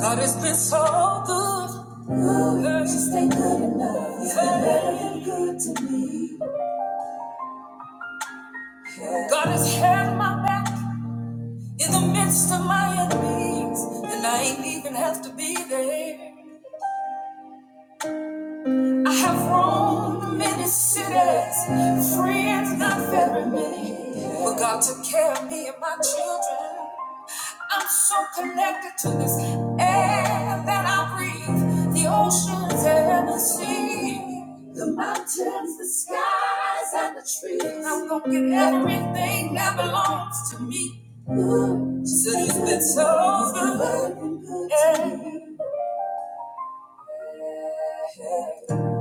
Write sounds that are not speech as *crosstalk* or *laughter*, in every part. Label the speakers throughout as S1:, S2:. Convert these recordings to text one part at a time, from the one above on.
S1: God has been so good. Ooh, girl, you stay good enough. You've been better than good to me. God has had my back in the midst of my enemies, and I ain't even have to be there. I have roamed many cities, friends not very many, but God took care of me and my children. I'm so connected to this air that I breathe, the oceans and the sea, the mountains, the skies, and the trees. I'm gonna get everything that belongs to me. Ooh, she said it's been so good. Yeah.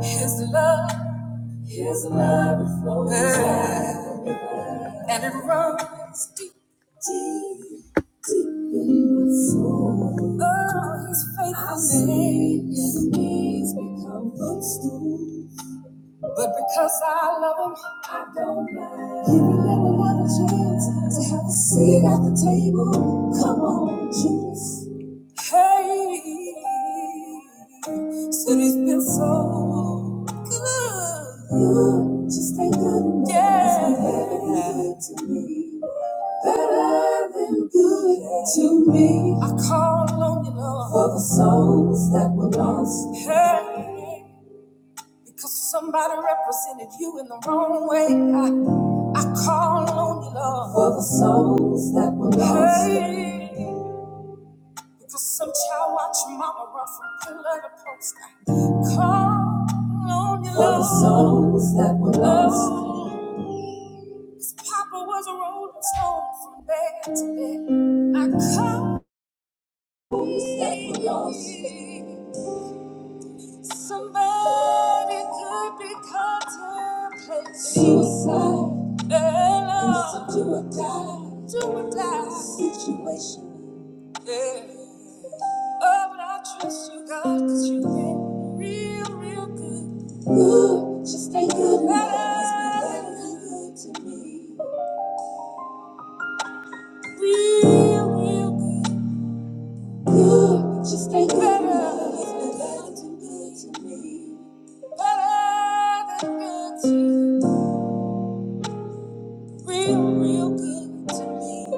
S1: His love, His love flows. Yeah and it runs deep, deep, deep in my soul. Oh, His faithfulness His knees become footstool. But because I love him, I don't mind. He will never have a chance to have a seat at the table. Come on, Jesus. Hey, said he's been so good. Good, just ain't good. enough. Yeah, He's been better than good to me. Better than good to me. I call on you, Lord, for the souls that were lost. Hey. Because somebody represented you in the wrong way. I, I call on you, Lord. For the souls that were lost. Hey, because some child watched your mama run from pillar to post. I call on you, Lord, For the souls that were lost. His papa was a rolling stone from bed to bed. I call. on you, Lord, for the Souls that were lost. Somebody could be contemplating suicide. Yeah, It's a do or die. Do or die. Situation. Yeah. Oh, but I trust you, God, because you've been real, real good. Ooh, just ain't good. Enough. It's been better than good to me. Real, real good. Ooh, just ain't good. Enough. It's been better than good to me. Better than good to you. real, real good to me.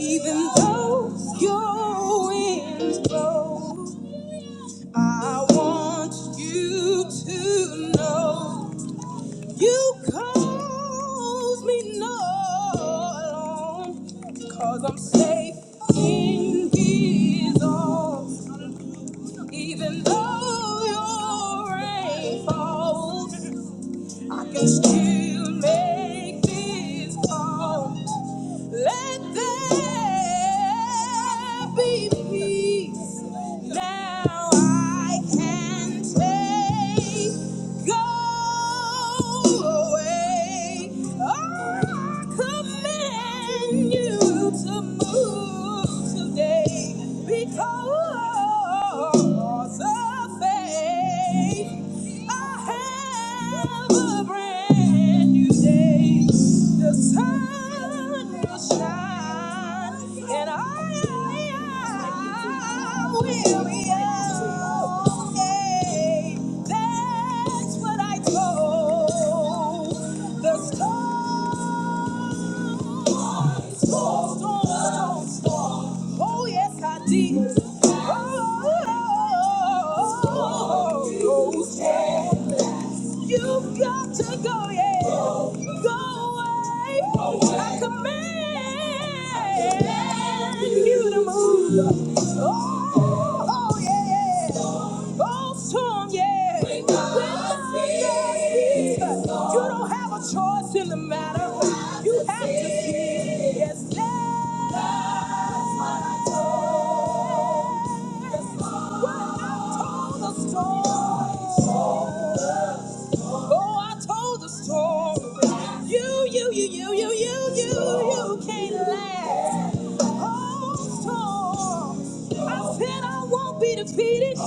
S1: Even though your winds blow, I want you to know. You cause me no alarm, cause I'm safe in his arms. Even though your rain falls, I can still make this call. Let there be peace. Now I can say. Go away. Oh, I command you to move today because of faith. I have a brand brand new day. The sun will shine, and I will be okay. That's what I told the sun. Storm, storm, storm, Oh, yes, I did. Oh, oh, oh, oh, oh. You've got to go, yeah. Go away. I command you to move. Oh, oh, yeah. Oh, storm, yeah. When God speaks, you don't have a choice in the matter. You have to speak. Yes, that's what I told. That's what I told the storm. Oh, I told the story. You, you, you, you, you, you, you, you can't last. Oh, storm. I said I won't be defeated.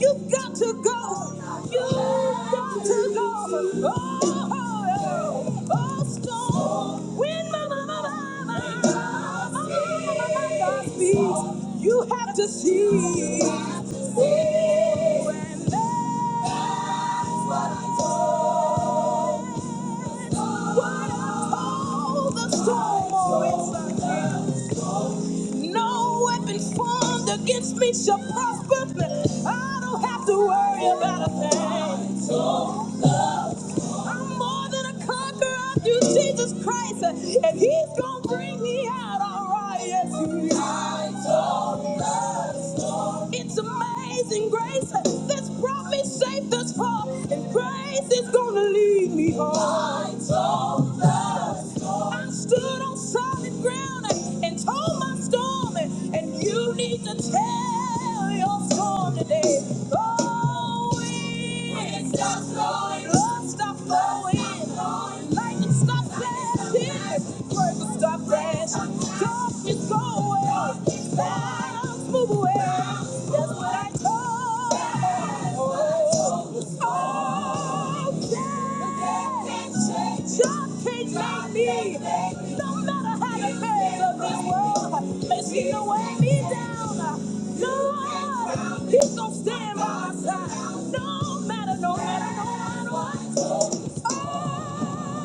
S1: You've got to go. You've got to go. Oh, oh, oh, storm. When my, my, my, my, my, my, my, my God speaks, you have to see. Oh, and that's what I told. What I told the storm always. No weapon formed against me shall prosper. I don't have to worry about a thing. I'm more than a conqueror through Jesus Christ, and He's gonna bring me out all right. Yes, He is. It's amazing grace that's brought me safe thus far, and grace is gonna lead me home. I stood on solid ground and told my storm, and you need to tell your storm today. Oh, wind, stop blowing, Love, stop blowing, lightning, stop flashing, breakers, going. That's what I told Oh yeah. Job can't me. me. me No matter how the cares of this world makes me to weigh me down, Lord, he's gonna Stand by my side. No matter, no matter, no matter what. Oh.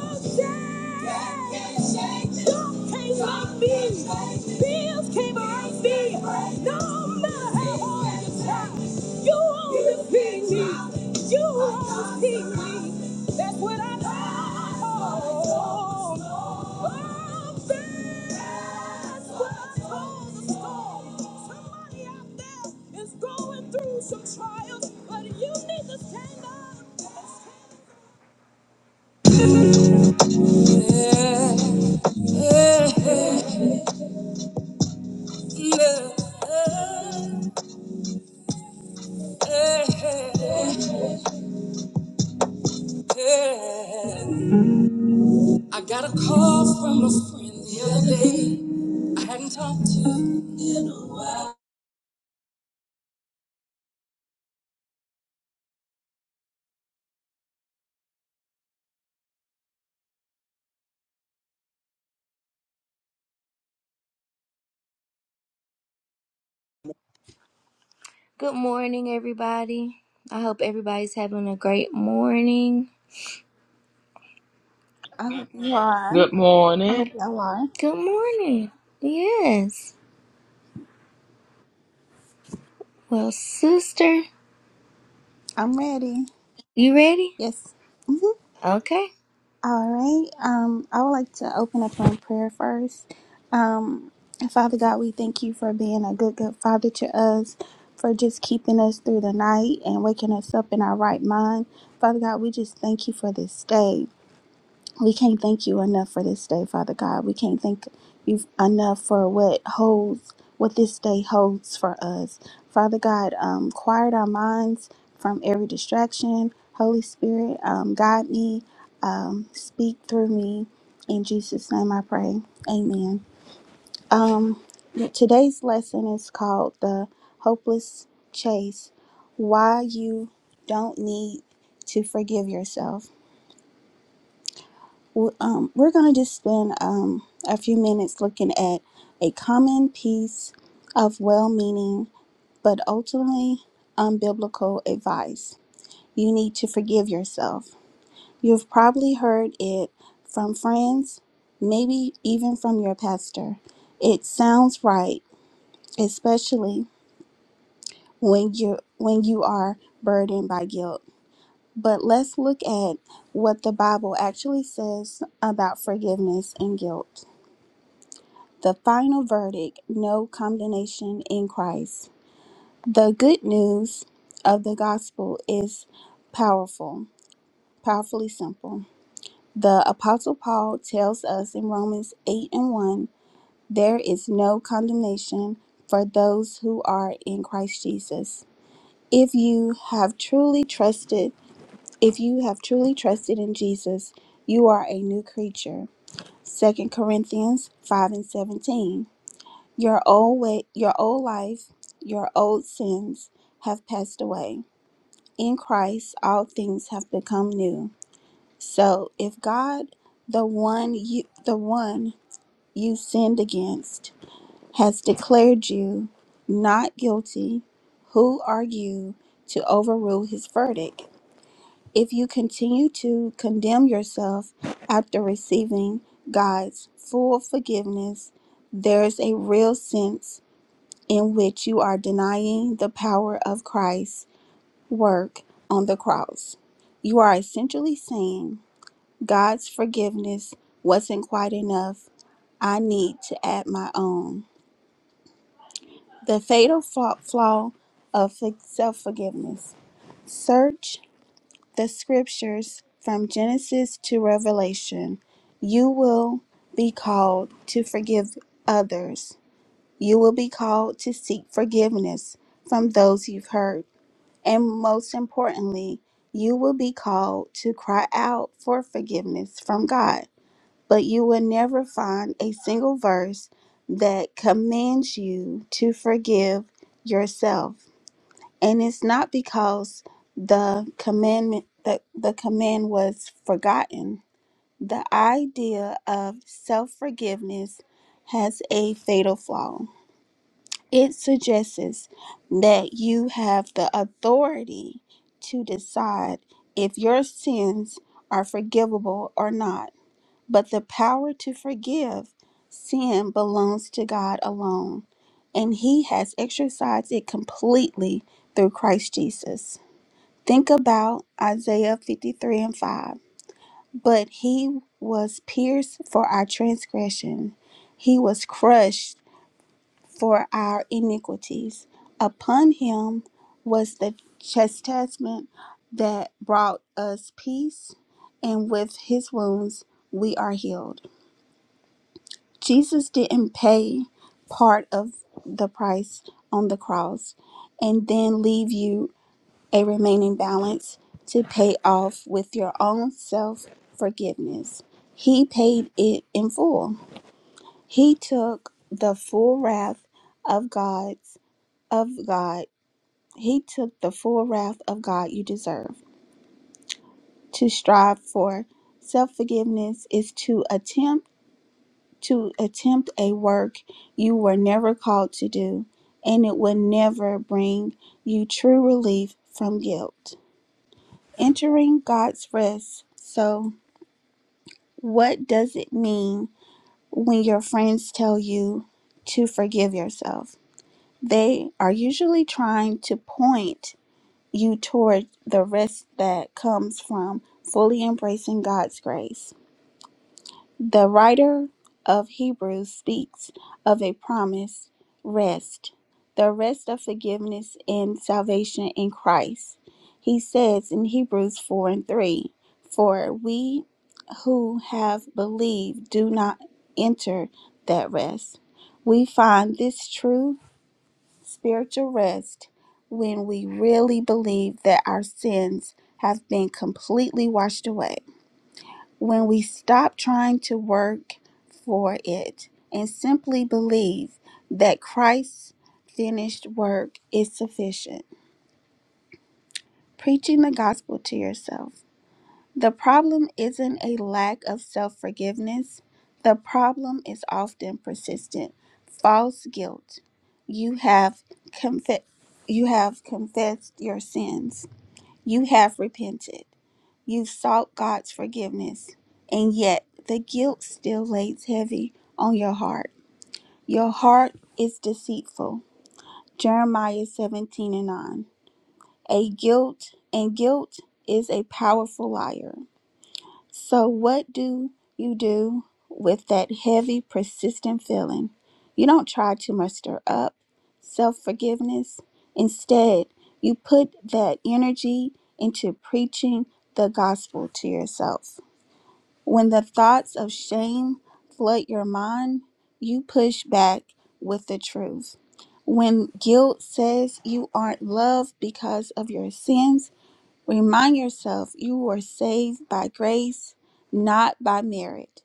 S1: That's what I know. Oh, that's what I told the storm. Somebody out there is going through some trials, but you need to stand up. I got a call from a friend the other day. I hadn't talked to in a while. Good morning, everybody. I hope everybody's having a great morning.
S2: I hope you are.
S3: Good
S2: I hope
S3: morning.
S2: y'all are.
S1: Good morning. Yes. Well, sister,
S2: I'm ready.
S1: you ready?
S2: Yes. Mhm.
S1: Okay.
S2: All right. Um, I would like to open up in prayer first. Um, Father God, we thank you for being a good, good Father to us, for just keeping us through the night and waking us up in our right mind. Father God, we just thank you for this day. We can't thank you enough for this day, Father God. We can't thank you enough for what holds, what this day holds for us. Father God, um, quiet our minds from every distraction. Holy Spirit, um, guide me, um, speak through me. In Jesus' name I pray. Amen. Um, today's lesson is called The Hopeless Chase Why You Don't Need to Forgive Yourself w- um, we're going to just spend um, a few minutes looking at a common piece of well meaning but ultimately unbiblical advice. You need to forgive yourself. You've probably heard it from friends, maybe even from your pastor. It sounds right, especially when you when you are burdened by guilt. But let's look at what the Bible actually says about forgiveness and guilt. The final verdict no condemnation in Christ. The good news of the gospel is powerful, powerfully simple. The Apostle Paul tells us in Romans 8 and 1 there is no condemnation for those who are in Christ Jesus. If you have truly trusted, if you have truly trusted in Jesus, you are a new creature. Second Corinthians 5 and 17. Your old way, your old life, your old sins have passed away. In Christ, all things have become new. So, if God, the one you, the one you sinned against, has declared you not guilty, who are you to overrule His verdict? If you continue to condemn yourself after receiving God's full forgiveness, there's a real sense in which you are denying the power of Christ's work on the cross. You are essentially saying, God's forgiveness wasn't quite enough. I need to add my own. The fatal fa- flaw of self forgiveness. Search the scriptures from Genesis to Revelation. You will be called to forgive others. You will be called to seek forgiveness from those you've hurt And most importantly, you will be called to cry out for forgiveness from God. But you will never find a single verse that commands you to forgive yourself. And it's not because the commandment the, the command was forgotten. The idea of self-forgiveness has a fatal flaw it suggests that you have the authority to decide if your sins are forgivable or not. But the power to forgive sin belongs to God alone, and He has exercised it completely through Christ Jesus. Think about Isaiah 53 and 5. But He was pierced for our transgression, He was crushed for our iniquities. Upon him was the chastisement that brought us peace, and with his wounds we are healed. Jesus didn't pay part of the price on the cross and then leave you a remaining balance to pay off with your own self forgiveness. He paid it in full. He took the full wrath of God's of God He took the full wrath of God you deserve. To strive for self-forgiveness is to attempt to attempt a work you were never called to do, and it will never bring you true relief from guilt. Entering God's rest. So, what does it mean when your friends tell you to forgive yourself? They are usually trying to point you toward the rest that comes from fully embracing God's grace. The writer of Hebrews speaks of a promised rest, the rest of forgiveness and salvation in Christ. He says in Hebrews 4 and 3 For we who have believed do not enter that rest. We find this true spiritual rest when we really believe that our sins have been completely washed away. When we stop trying to work for it and simply believe that Christ's finished work is sufficient. Preaching the gospel to yourself. The problem isn't a lack of self forgiveness. The problem is often persistent false guilt. You have, confe- you have confessed your sins, you have repented, you've sought God's forgiveness, and yet the guilt still lays heavy on your heart. Your heart is deceitful. Jeremiah 17 and 9. A guilt and guilt is a powerful liar. So, what do you do with that heavy, persistent feeling? You don't try to muster up self forgiveness. Instead, you put that energy into preaching the gospel to yourself. When the thoughts of shame flood your mind, you push back with the truth. When guilt says you aren't loved because of your sins, Remind yourself you were saved by grace, not by merit.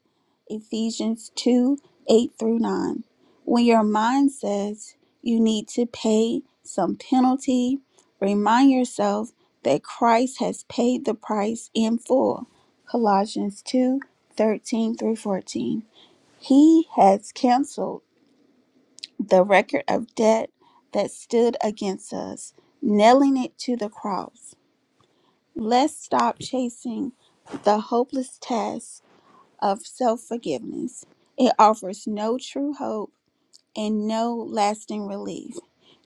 S2: Ephesians 2 8 through 9. When your mind says you need to pay some penalty, remind yourself that Christ has paid the price in full. Colossians 2 13 through 14. He has canceled the record of debt that stood against us, nailing it to the cross. Let's stop chasing the hopeless task of self forgiveness. It offers no true hope and no lasting relief.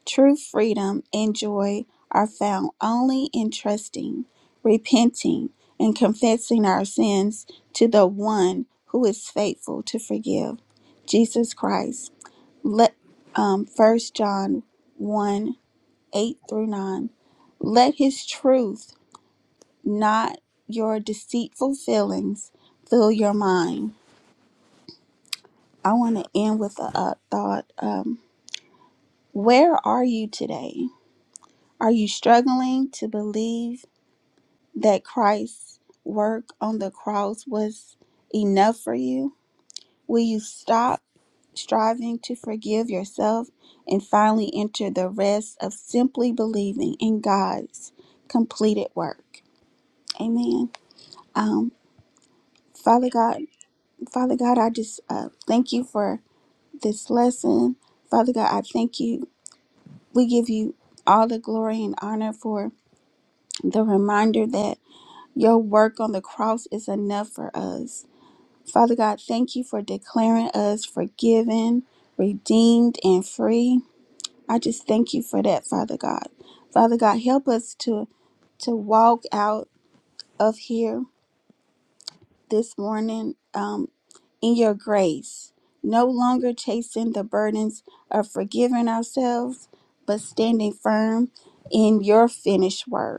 S2: True freedom and joy are found only in trusting, repenting, and confessing our sins to the one who is faithful to forgive, Jesus Christ. Let um, 1 John 1 8 through 9. Let his truth not your deceitful feelings fill your mind. I want to end with a, a thought. Um, where are you today? Are you struggling to believe that Christ's work on the cross was enough for you? Will you stop striving to forgive yourself and finally enter the rest of simply believing in God's completed work? Amen. Um, Father God, Father God, I just uh, thank you for this lesson. Father God, I thank you. We give you all the glory and honor for the reminder that your work on the cross is enough for us. Father God, thank you for declaring us forgiven, redeemed, and free. I just thank you for that, Father God. Father God, help us to to walk out of here this morning. um, in your grace, no longer chasing the burdens of forgiving ourselves, but standing firm in your finished work.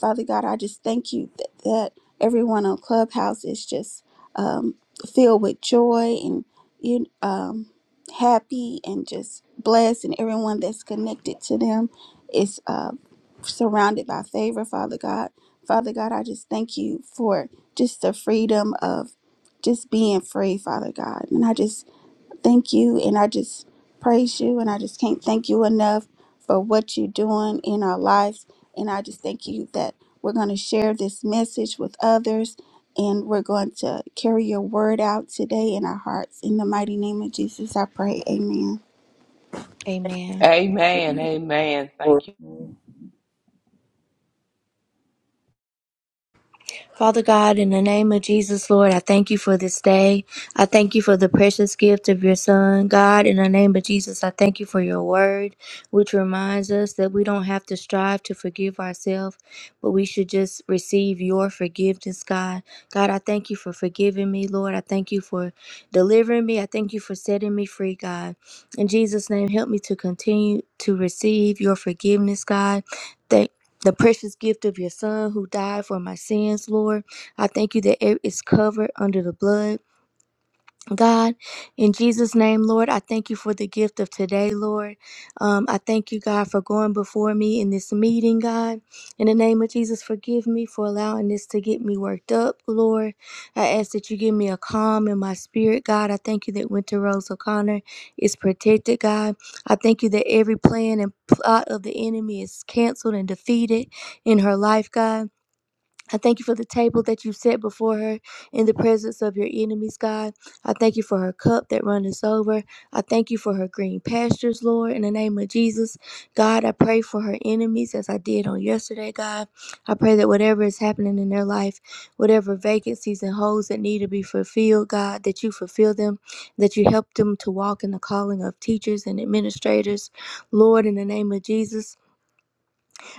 S2: Father God, I just thank you that, that everyone on Clubhouse is just um, filled with joy and you um, happy and just blessed, and everyone that's connected to them is uh, surrounded by favor, Father God. Father God, I just thank you for just the freedom of just being free, Father God. And I just thank you and I just praise you and I just can't thank you enough for what you're doing in our lives and I just thank you that we're going to share this message with others and we're going to carry your word out today in our hearts in the mighty name of Jesus I pray amen
S1: Amen.
S3: Amen.
S4: Amen.
S3: Amen.
S5: Lord.
S3: Thank you.
S1: Father God, in the name of Jesus, Lord, I thank you for this day. I thank you for the precious gift of your Son. God, in the name of Jesus, I thank you for your word, which reminds us that we don't have to strive to forgive ourselves, but we should just receive your forgiveness, God. God, I thank you for forgiving me, Lord. I thank you for delivering me. I thank you for setting me free, God. In Jesus' name, help me to continue to receive your forgiveness, God the precious gift of your Son who died for my sins, Lord. I thank you that it is covered under the blood. God, in Jesus' name, Lord, I thank you for the gift of today, Lord. Um, I thank you, God, for going before me in this meeting, God. In the name of Jesus, forgive me for allowing this to get me worked up, Lord. I ask that you give me a calm in my spirit, God. I thank you that Winter Rose O'Connor is protected, God. I thank you that every plan and plot of the enemy is canceled and defeated in her life, God. I thank you for the table that you set before her in the presence of your enemies, God. I thank you for her cup that runneth over. I thank you for her green pastures, Lord, in the name of Jesus. God, I pray for her enemies as I did on yesterday, God. I pray that whatever is happening in their life, whatever vacancies and holes that need to be fulfilled, God, that you fulfill them, that you help them to walk in the calling of teachers and administrators, Lord, in the name of Jesus.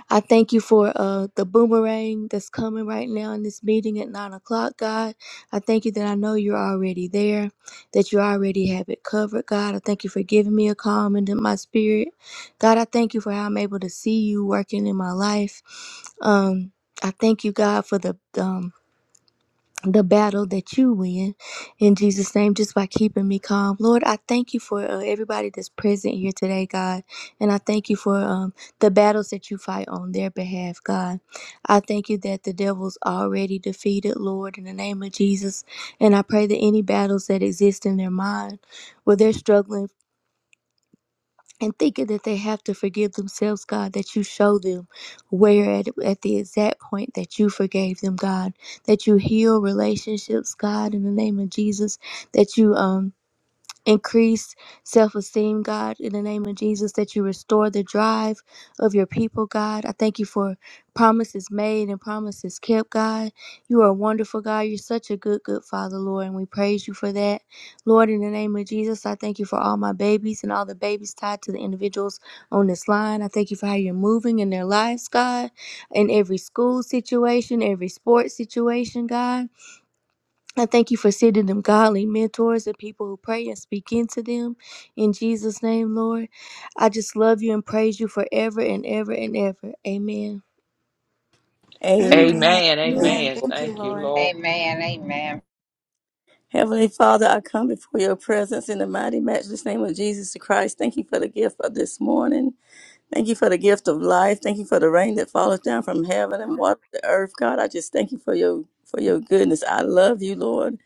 S1: I thank you for uh, the boomerang that's coming right now in this meeting at nine o'clock, God. I thank you that I know you're already there, that you already have it covered, God. I thank you for giving me a calm into my spirit, God. I thank you for how I'm able to see you working in my life. Um, I thank you, God, for the um, the battle that you win in Jesus' name, just by keeping me calm. Lord, I thank you for uh, everybody that's present here today, God. And I thank you for um, the battles that you fight on their behalf, God. I thank you that the devil's already defeated, Lord, in the name of Jesus. And I pray that any battles that exist in their mind, where they're struggling and thinking that they have to forgive themselves, God, that you show them where at, at the exact point that you forgave them, God, that you heal relationships, God, in the name of Jesus, that you um Increase self esteem, God, in the name of Jesus, that you restore the drive of your people, God. I thank you for promises made and promises kept, God. You are a wonderful, God. You're such a good, good Father, Lord, and we praise you for that. Lord, in the name of Jesus, I thank you for all my babies and all the babies tied to the individuals on this line. I thank you for how you're moving in their lives, God, in every school situation, every sports situation, God. I thank you for sending them godly mentors and people who pray and speak into them. In Jesus' name, Lord, I just love you and praise you forever and ever and ever. Amen.
S5: Amen.
S2: amen
S3: Amen.
S4: Amen.
S2: amen
S3: Amen.
S2: thank you
S3: Thank you,
S2: lord
S3: Lord.
S6: Amen. Amen.
S5: Heavenly Father, I come before your presence in the mighty, matchless name of Jesus Christ. Thank you for the gift of this morning. Thank you for the gift of life. Thank you for the rain that falls down from heaven and water the earth. God, I just thank you for your for your goodness. I love you, Lord.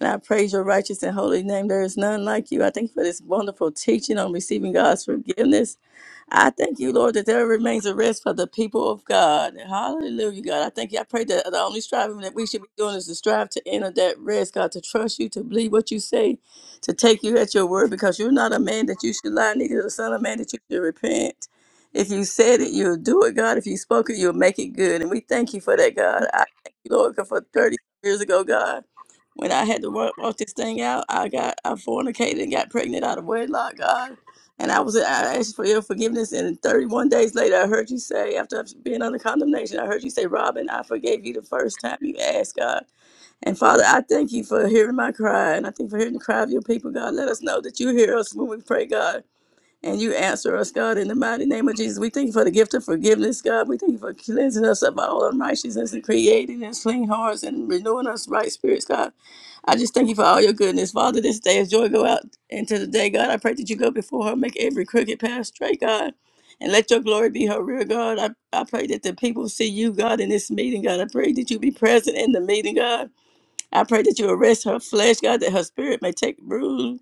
S5: And I praise your righteous and holy name. There is none like you. I thank you for this wonderful teaching on receiving God's forgiveness. I thank you, Lord, that there remains a rest for the people of God. Hallelujah, God. I thank you. I pray that the only striving that we should be doing is to strive to enter that rest, God, to trust you, to believe what you say, to take you at your word, because you're not a man that you should lie, neither the son of man that you should repent. If you said it, you'll do it, God. If you spoke it, you'll make it good. And we thank you for that, God. I thank you, Lord, 'cause for 30 years ago, God, when I had to work, work this thing out, I got I fornicated and got pregnant out of wedlock, God. And I was I asked for your forgiveness, and 31 days later, I heard you say, after being under condemnation, I heard you say, Robin, I forgave you the first time you asked God. And Father, I thank you for hearing my cry, and I thank you for hearing the cry of your people, God. Let us know that you hear us when we pray, God, and you answer us, God, in the mighty name of Jesus. We thank you for the gift of forgiveness, God. We thank you for cleansing us of all unrighteousness and creating us clean hearts and renewing us right spirits, God. I just thank you for all your goodness. Father, this day as joy go out into the day, God, I pray that you go before her, make every crooked path straight, God. And let your glory be her rear, God. I, I pray that the people see you, God, in this meeting, God. I pray that you be present in the meeting, God. I pray that you arrest her flesh, God, that her spirit may take root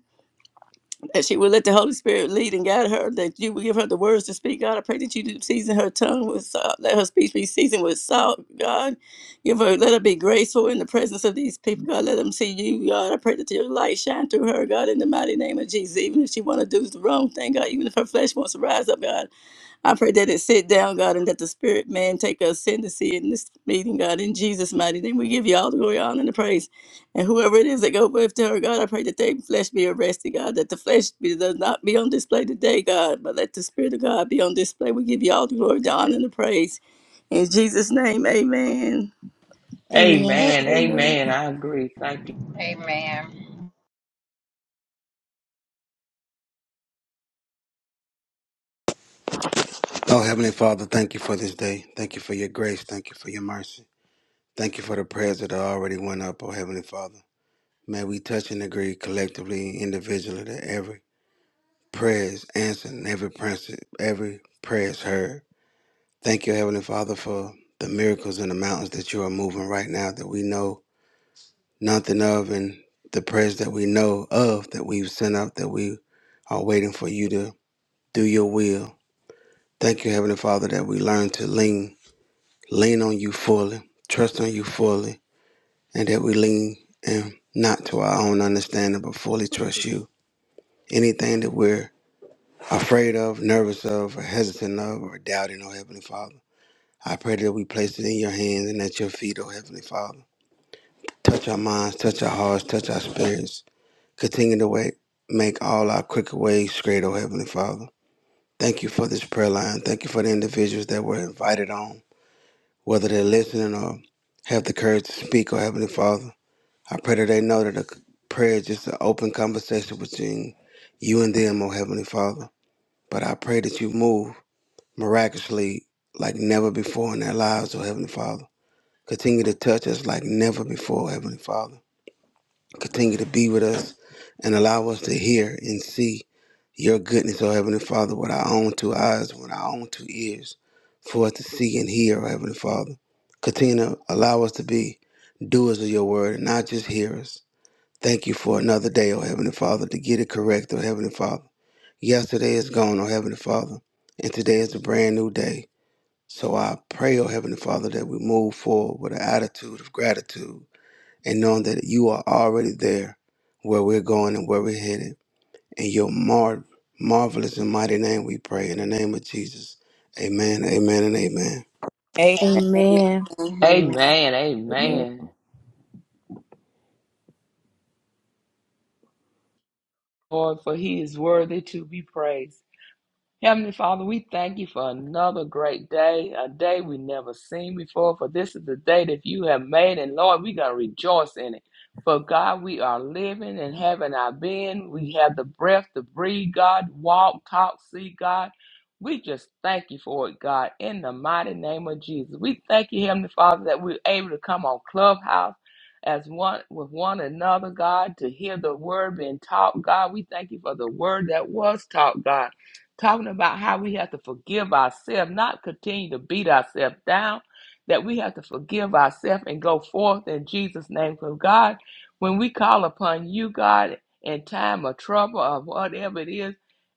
S5: that she would let the Holy Spirit lead and guide her, that you would give her the words to speak. God, I pray that you season her tongue with salt, let her speech be seasoned with salt. God, give her, let her be graceful in the presence of these people. God, let them see you. God, I pray that your light shine through her, God, in the mighty name of Jesus. Even if she want to do the wrong thing, God, even if her flesh wants to rise up, God, I pray that it sit down, God, and that the spirit man take ascendancy in this meeting, God, in Jesus' mighty name. We give you all the glory, honor, and the praise. And whoever it is that go with her, God, I pray that their flesh be arrested, God, that the flesh be, does not be on display today, God, but let the spirit of God be on display. We give you all the glory, the honor, and the praise. In Jesus' name, amen.
S1: Amen.
S3: Amen.
S4: Amen.
S3: Amen. I agree. Thank you.
S6: Amen.
S7: Oh, Heavenly Father, thank you for this day. Thank you for your grace. Thank you for your mercy. Thank you for the prayers that are already went up, oh Heavenly Father. May we touch and agree collectively, individually, that every prayer is answered and every, prayer- every prayer is heard. Thank you, Heavenly Father, for the miracles in the mountains that you are moving right now that we know nothing of and the prayers that we know of that we've sent up that we are waiting for you to do your will. Thank you, Heavenly Father, that we learn to lean lean on you fully, trust on you fully, and that we lean and not to our own understanding, but fully trust you. Anything that we're afraid of, nervous of, or hesitant of, or doubting, oh Heavenly Father, I pray that we place it in your hands and at your feet, oh Heavenly Father. Touch our minds, touch our hearts, touch our spirits. Continue to wait, make all our crooked ways straight, oh Heavenly Father. Thank you for this prayer line. Thank you for the individuals that were invited on, whether they're listening or have the courage to speak, oh Heavenly Father. I pray that they know that a prayer is just an open conversation between you and them, oh Heavenly Father. But I pray that you move miraculously like never before in their lives, oh Heavenly Father. Continue to touch us like never before, oh Heavenly Father. Continue to be with us and allow us to hear and see your goodness, oh Heavenly Father, with our own two eyes, with our own two ears, for us to see and hear, oh Heavenly Father. Continue to allow us to be doers of your word and not just hearers. Thank you for another day, oh Heavenly Father, to get it correct, oh Heavenly Father. Yesterday is gone, oh Heavenly Father, and today is a brand new day. So I pray, oh Heavenly Father, that we move forward with an attitude of gratitude and knowing that you are already there where we're going and where we're headed. In your mar- marvelous and mighty name we pray, in the name of Jesus. Amen, amen, and amen.
S5: A,
S1: Amen.
S6: Amen.
S3: Amen.
S4: Amen.
S3: Amen. Lord, for he is worthy to be praised. Heavenly Father, we thank you for another great day, a day we never seen before. For this is the day that you have made, and Lord, we're going to rejoice in it. For God, we are living and having our being. We have the breath to breathe, God, walk, talk, see, God. We just thank you for it, God, in the mighty name of Jesus. We thank you, Heavenly Father, that we're able to come on Clubhouse as one with one another, God, to hear the word being taught, God. We thank you for the word that was taught, God talking about how we have to forgive ourselves, not continue to beat ourselves down, that we have to forgive ourselves and go forth in Jesus' name. Because God, when we call upon you, God, in time of trouble or whatever it is,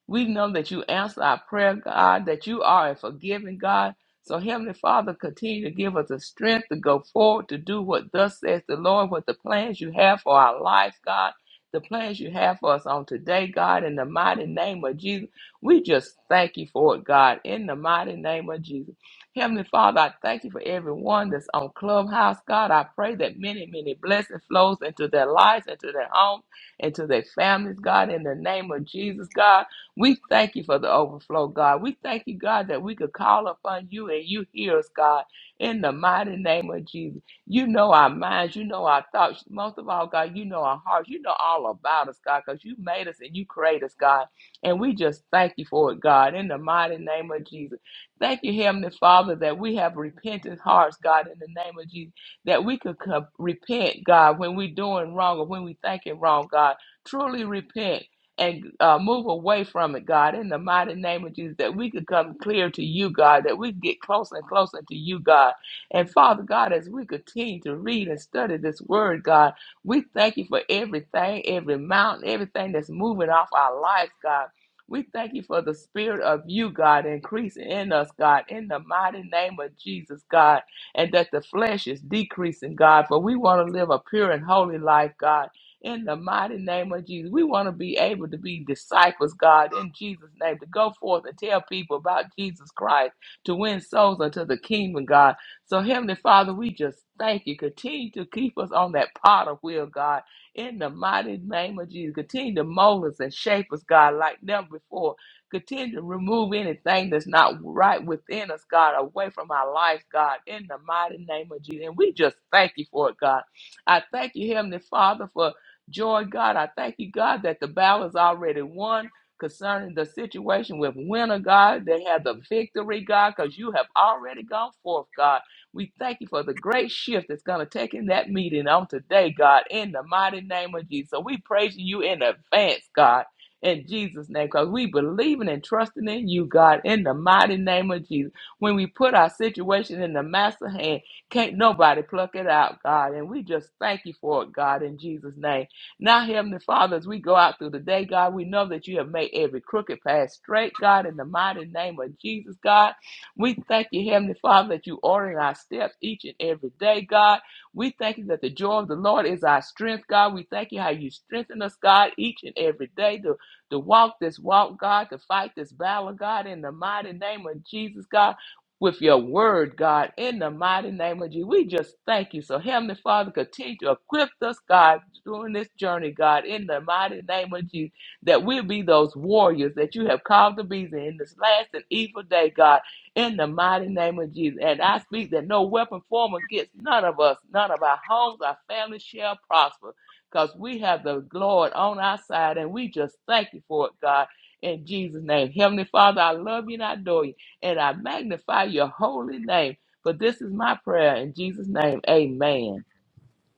S3: we know that you answer our prayer, God, that you are a forgiving God. So, Heavenly Father, continue to give us the strength to go forward to do what thus says the Lord, what the plans you have for our life, God, the plans you have for us on today, God, in the mighty name of Jesus. We just thank you for it, God, in the mighty name of Jesus. Heavenly Father, I thank you for everyone that's on Clubhouse, God. I pray that many, many blessings flows into their lives, into their homes, into their families, God, in the name of Jesus, God. We thank you for the overflow, God. We thank you, God, that we could call upon you and you hear us, God, in the mighty name of Jesus. You know our minds, you know our thoughts. Most of all, God, you know our hearts. You know all about us, God, because you made us and you created us, God. And we just thank you for it, God, in the mighty name of Jesus. Thank you, Heavenly Father, that we have repentant hearts, God, in the name of Jesus, that we could come, repent, God, when we're doing wrong or when we thinking wrong, God. Truly repent and uh, move away from it, God, in the mighty name of Jesus, that we could come clear to you, God, that we could get closer and closer to you, God. And Father God, as we continue to read and study this word, God, we thank you for everything, every mountain, everything that's moving off our lives, God. We thank you for the spirit of you, God, increasing in us, God, in the mighty name of Jesus, God, and that the flesh is decreasing, God, for we want to live a pure and holy life, God, in the mighty name of Jesus. We want to be able to be disciples, God, in Jesus' name, to go forth and tell people about Jesus Christ, to win souls unto the kingdom, God. So, Heavenly Father, we just thank you. Continue to keep us on that pot of will, God in the mighty name of Jesus, continue to mold us and shape us, God, like never before. Continue to remove anything that's not right within us, God, away from our lives, God, in the mighty name of Jesus. And we just thank you for it, God. I thank you, Heavenly Father, for joy, God. I thank you, God, that the battle is already won concerning the situation with winter, God. They have the victory, God, because you have already gone forth, God. We thank you for the great shift that's going to take in that meeting on today, God, in the mighty name of Jesus. So we praise you in advance, God, in Jesus' name, because we believing and trusting in you, God, in the mighty name of Jesus. When we put our situation in the master hand, can't nobody pluck it out, God. And we just thank you for it, God, in Jesus' name. Now, Heavenly Father, as we go out through the day, God, we know that you have made every crooked path straight, God, in the mighty name of Jesus, God. We thank you, Heavenly Father, that you order our steps each and every day, God. We thank you that the joy of the Lord is our strength, God. We thank you how you strengthen us, God, each and every day to, to walk this walk, God, to fight this battle, God, in the mighty name of Jesus, God. With your word, God, in the mighty name of Jesus. We just thank you. So, Heavenly Father, continue to equip us, God, during this journey, God, in the mighty name of Jesus, that we'll be those warriors that you have called to be in this last and evil day, God in the mighty name of Jesus. And I speak that no weapon formed against none of us, none of our homes, our families shall prosper because we have the Lord on our side and we just thank you for it, God. In Jesus' name. Heavenly Father, I love you and I adore you and I magnify your holy name. But this is my prayer in Jesus' name. Amen.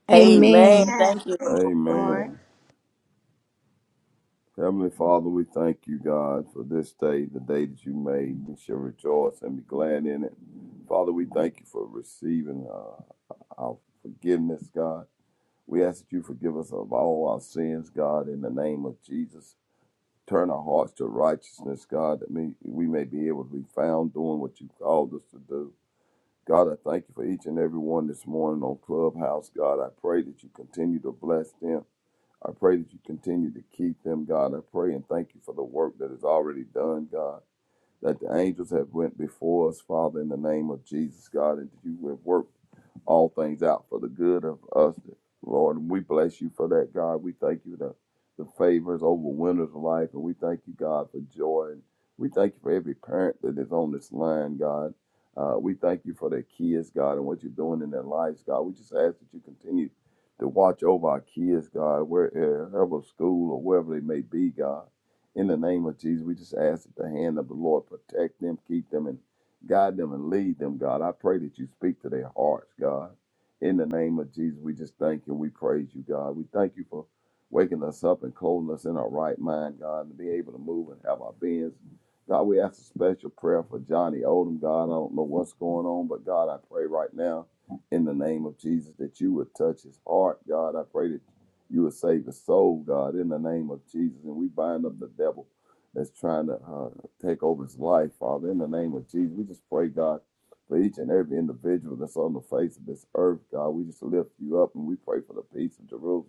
S5: Amen.
S1: Amen.
S5: Thank you, Lord.
S4: Amen. Heavenly Father, we thank you, God, for this day, the day that you made. We shall rejoice and be glad in it. Father, we thank you for receiving uh, our forgiveness, God. We ask that you forgive us of all our sins, God, in the name of Jesus. Turn our hearts to righteousness, God, that may, we may be able to be found doing what you called us to do. God, I thank you for each and every one this morning on Clubhouse. God, I pray that you continue to bless them. I pray that you continue to keep them, God. I pray and thank you for the work that is already done, God that the angels have went before us, Father, in the name of Jesus, God, and that you have worked all things out for the good of us, Lord. And we bless you for that, God. We thank you that the favors over winners of life, and we thank you, God, for joy. And we thank you for every parent that is on this line, God. Uh, we thank you for their kids, God, and what you're doing in their lives, God. We just ask that you continue to watch over our kids, God, wherever school or wherever they may be, God. In the name of Jesus, we just ask that the hand of the Lord protect them, keep them, and guide them and lead them, God. I pray that you speak to their hearts, God. In the name of Jesus, we just thank you. We praise you, God. We thank you for waking us up and clothing us in our right mind, God, and to be able to move and have our beings. God, we ask a special prayer for Johnny Odom, God. I don't know what's going on, but God, I pray right now in the name of Jesus that you would touch his heart, God. I pray that you will save the soul, God, in the name of Jesus. And we bind up the devil that's trying to uh, take over his life, Father, in the name of Jesus. We just pray, God, for each and every individual that's on the face of this earth, God. We just lift you up and we pray for the peace of Jerusalem.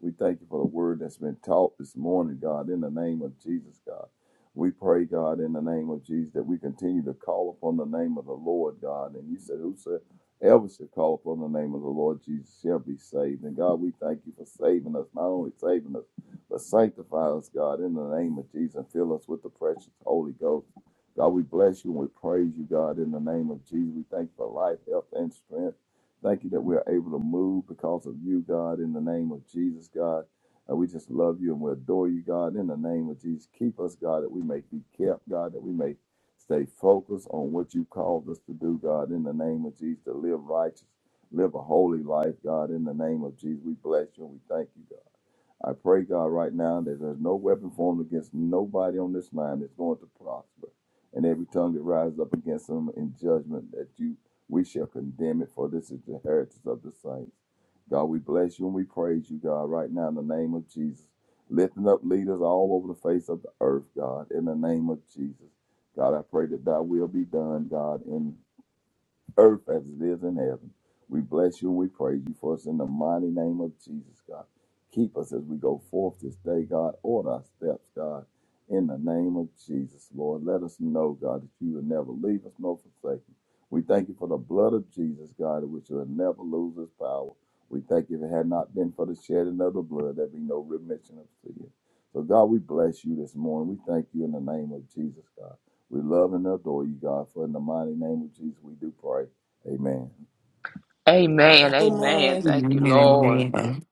S4: We thank you for the word that's been taught this morning, God, in the name of Jesus, God. We pray, God, in the name of Jesus, that we continue to call upon the name of the Lord, God. And you said, Whosoever Ever shall call upon the name of the Lord Jesus shall be saved. And God, we thank you for saving us, not only saving us, but sanctify us, God, in the name of Jesus, and fill us with the precious Holy Ghost. God, we bless you and we praise you, God, in the name of Jesus. We thank you for life, health, and strength. Thank you that we are able to move because of you, God, in the name of Jesus, God. And we just love you and we adore you, God, in the name of Jesus. Keep us, God, that we may be kept, God, that we may Stay focused on what you called us to do, God, in the name of Jesus, to live righteous, live a holy life, God, in the name of Jesus. We bless you and we thank you, God. I pray, God, right now that there's no weapon formed against nobody on this line that's going to prosper. And every tongue that rises up against them in judgment, that you we shall condemn it, for this is the heritage of the saints. God, we bless you and we praise you, God, right now in the name of Jesus. Lifting up leaders all over the face of the earth, God, in the name of Jesus. God, I pray that thy will be done, God, in earth as it is in heaven. We bless you and we praise you for us in the mighty name of Jesus, God. Keep us as we go forth this day, God. Order our steps, God, in the name of Jesus, Lord. Let us know, God, that you will never leave us nor forsake us. We thank you for the blood of Jesus, God, which will never lose its power. We thank you if it had not been for the shedding of the blood, there'd be no remission of sin. So, God, we bless you this morning. We thank you in the name of Jesus, God. We love and adore you, God, for in the mighty name of Jesus we do pray. Amen.
S3: Amen. Amen.
S5: Amen.
S3: Thank you,
S5: Lord.
S8: Amen.
S3: Lord.
S8: Amen.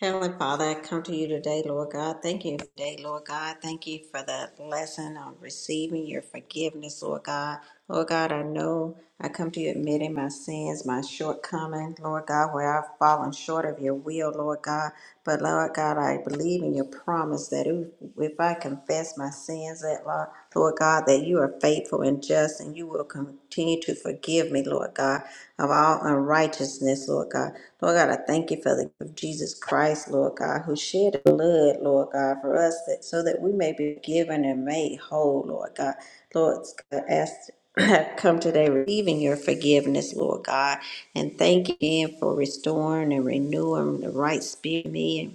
S6: Heavenly Father, I come to you today, Lord God. Thank you today, Lord God. Thank you for the lesson on receiving your forgiveness, Lord God. Lord God, I know I come to you admitting my sins, my shortcomings, Lord God, where I've fallen short of your will, Lord God. But Lord God, I believe in your promise that if if I confess my sins, that Lord Lord God, that you are faithful and just and you will continue to forgive me, Lord God. of all unrighteousness, Lord God. Lord God, I thank you for the gift of Jesus Christ, Lord God, who shed his blood, Lord God, for us that so that we may be given and made whole, Lord God. Lord, I ask *clears throat* have come today receiving your forgiveness, Lord God, and thank you again for restoring and renewing the right spirit in me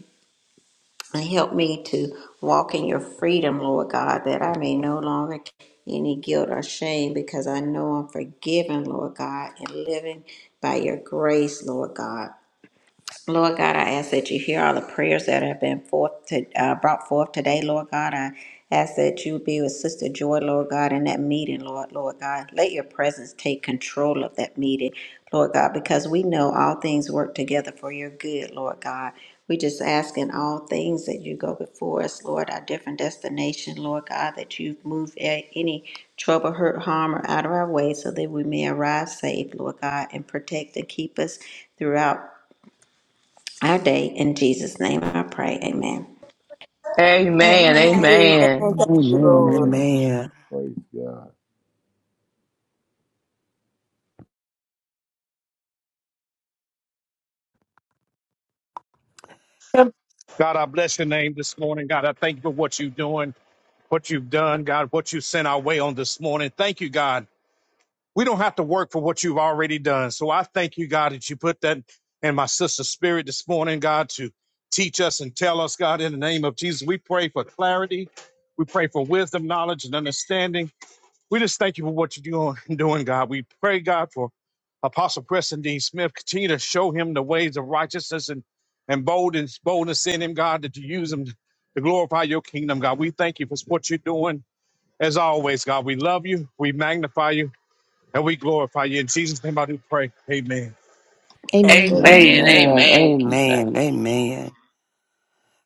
S6: and help me to walk in your freedom, Lord God, that I may no longer carry any guilt or shame because I know I'm forgiven, Lord God, and living by your grace, Lord God. Lord God, I ask that you hear all the prayers that have been forth to, uh, brought forth today, Lord God. I ask that you be with Sister Joy, Lord God, in that meeting, Lord, Lord God. Let your presence take control of that meeting, Lord God, because we know all things work together for your good, Lord God. We just ask in all things that you go before us, Lord, our different destination, Lord God, that you move a- any trouble, hurt, harm, or out of our way so that we may arrive safe, Lord God, and protect and keep us throughout our day. In Jesus' name I pray. Amen.
S3: Amen.
S2: amen
S5: Amen.
S3: Amen.
S5: Thank-
S4: Amen.
S8: Amen.
S4: Praise God.
S9: God, I bless your name this morning. God, I thank you for what you're doing, what you've done, God, what you sent our way on this morning. Thank you, God. We don't have to work for what you've already done. So I thank you, God, that you put that in my sister's spirit this morning, God, to teach us and tell us, God, in the name of Jesus. We pray for clarity. We pray for wisdom, knowledge, and understanding. We just thank you for what you're doing, *laughs* doing, God. We pray, God, for Apostle Preston Dean Smith. Continue to show him the ways of righteousness and, and boldness, boldness in him, God, that you use him to glorify your kingdom, God. We thank you for what you're doing. As always, God, we love you, we magnify you, and we glorify you. In Jesus' name, I do pray. Amen.
S5: Amen.
S8: Amen.
S1: Amen.
S3: Amen.
S8: Amen.
S4: Amen.
S3: Amen. Keep that.
S8: Amen. amen.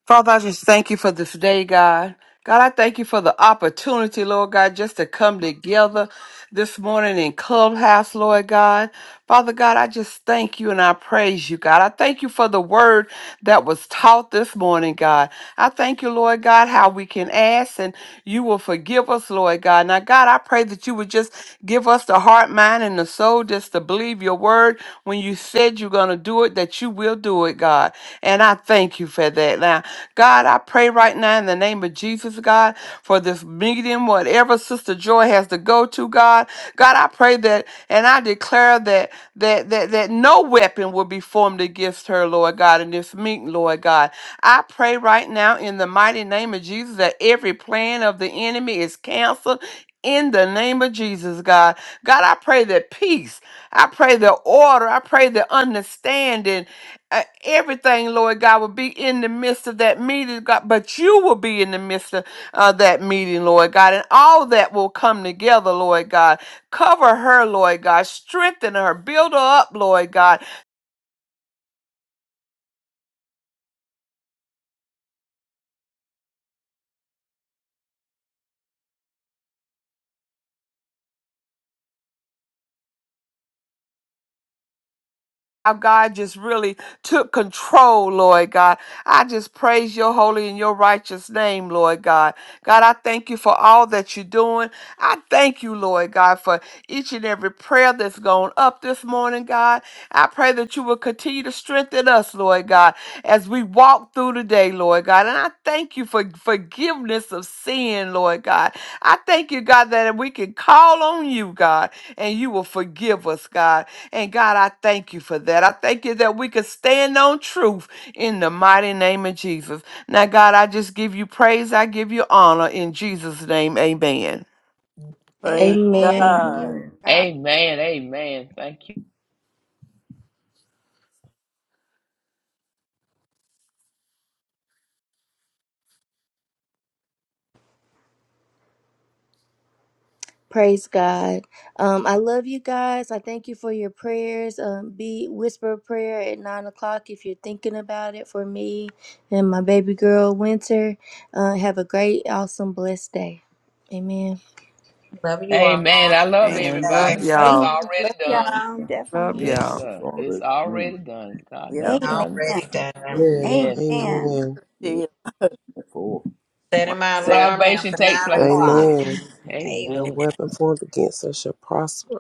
S8: Father, I just thank you for this day, God. God, I thank you for the opportunity, Lord God, just to come together this morning in Clubhouse, Lord God. Father God, I just thank you and I praise you, God. I thank you for the word that was taught this morning, God. I thank you, Lord God, how we can ask and you will forgive us, Lord God. Now, God, I pray that you would just give us the heart, mind, and the soul just to believe your word when you said you're going to do it, that you will do it, God. And I thank you for that. Now, God, I pray right now in the name of Jesus, God, for this meeting, whatever Sister Joy has to go to, God. God, I pray that and I declare that that that that no weapon will be formed against her, Lord God, in this meeting, Lord God. I pray right now in the mighty name of Jesus that every plan of the enemy is canceled. In the name of Jesus, God. God, I pray that peace, I pray the order, I pray the understanding uh, everything, Lord God, will be in the midst of that meeting, God, but you will be in the midst of uh, that meeting, Lord God, and all that will come together, Lord God. Cover her, Lord God. Strengthen her. Build her up, Lord God. how God just really took control, Lord God. I just praise your holy and your righteous name, Lord God. God, I thank you for all that you're doing. I thank you, Lord God, for each and every prayer that's gone up this morning, God. I pray that you will continue to strengthen us, Lord God, as we walk through the day, Lord God. And I thank you for forgiveness of sin, Lord God. I thank you, God, that we can call on you, God, and you will forgive us, God. And God, I thank you for that. I thank you that we could stand on truth in the mighty name of Jesus. Now, God, I just give you praise. I give you honor in Jesus' name. Amen.
S5: Praise
S1: Amen.
S5: God.
S3: Amen. Amen. Thank you.
S1: Praise God. Um, I love you guys. I thank you for your prayers. Um, be whisper a prayer at nine o'clock if you're thinking about it for me and my baby girl Winter. Uh, have a great, awesome, blessed day. Amen.
S6: Love you all.
S3: Amen.
S6: Have
S3: I
S6: a
S3: love
S8: Man,
S6: blessed
S8: love
S6: day.
S3: everybody.
S5: Love-
S3: It's
S8: y'all.
S2: amen
S3: already
S2: love
S3: done.
S2: y'all
S4: Amen.
S8: Love
S2: definitely
S3: Yes,
S8: y'all.
S4: Yeah, it's
S3: sir. It's
S4: already done.
S3: already done. God done
S5: Yep.
S3: done.
S2: amen
S6: Already
S4: Yeah,
S6: done.
S10: Amen.
S3: Yes.
S2: amen
S10: Amen.
S4: yeah. Four.
S6: Setting my
S5: Yeah.
S6: alarm now
S3: Salvation
S6: for
S3: take
S6: nine
S3: place in it.
S6: o'clock.
S10: Amen.
S6: *laughs* Amen.
S10: No
S3: Amen.
S10: weapon formed against us shall prosper.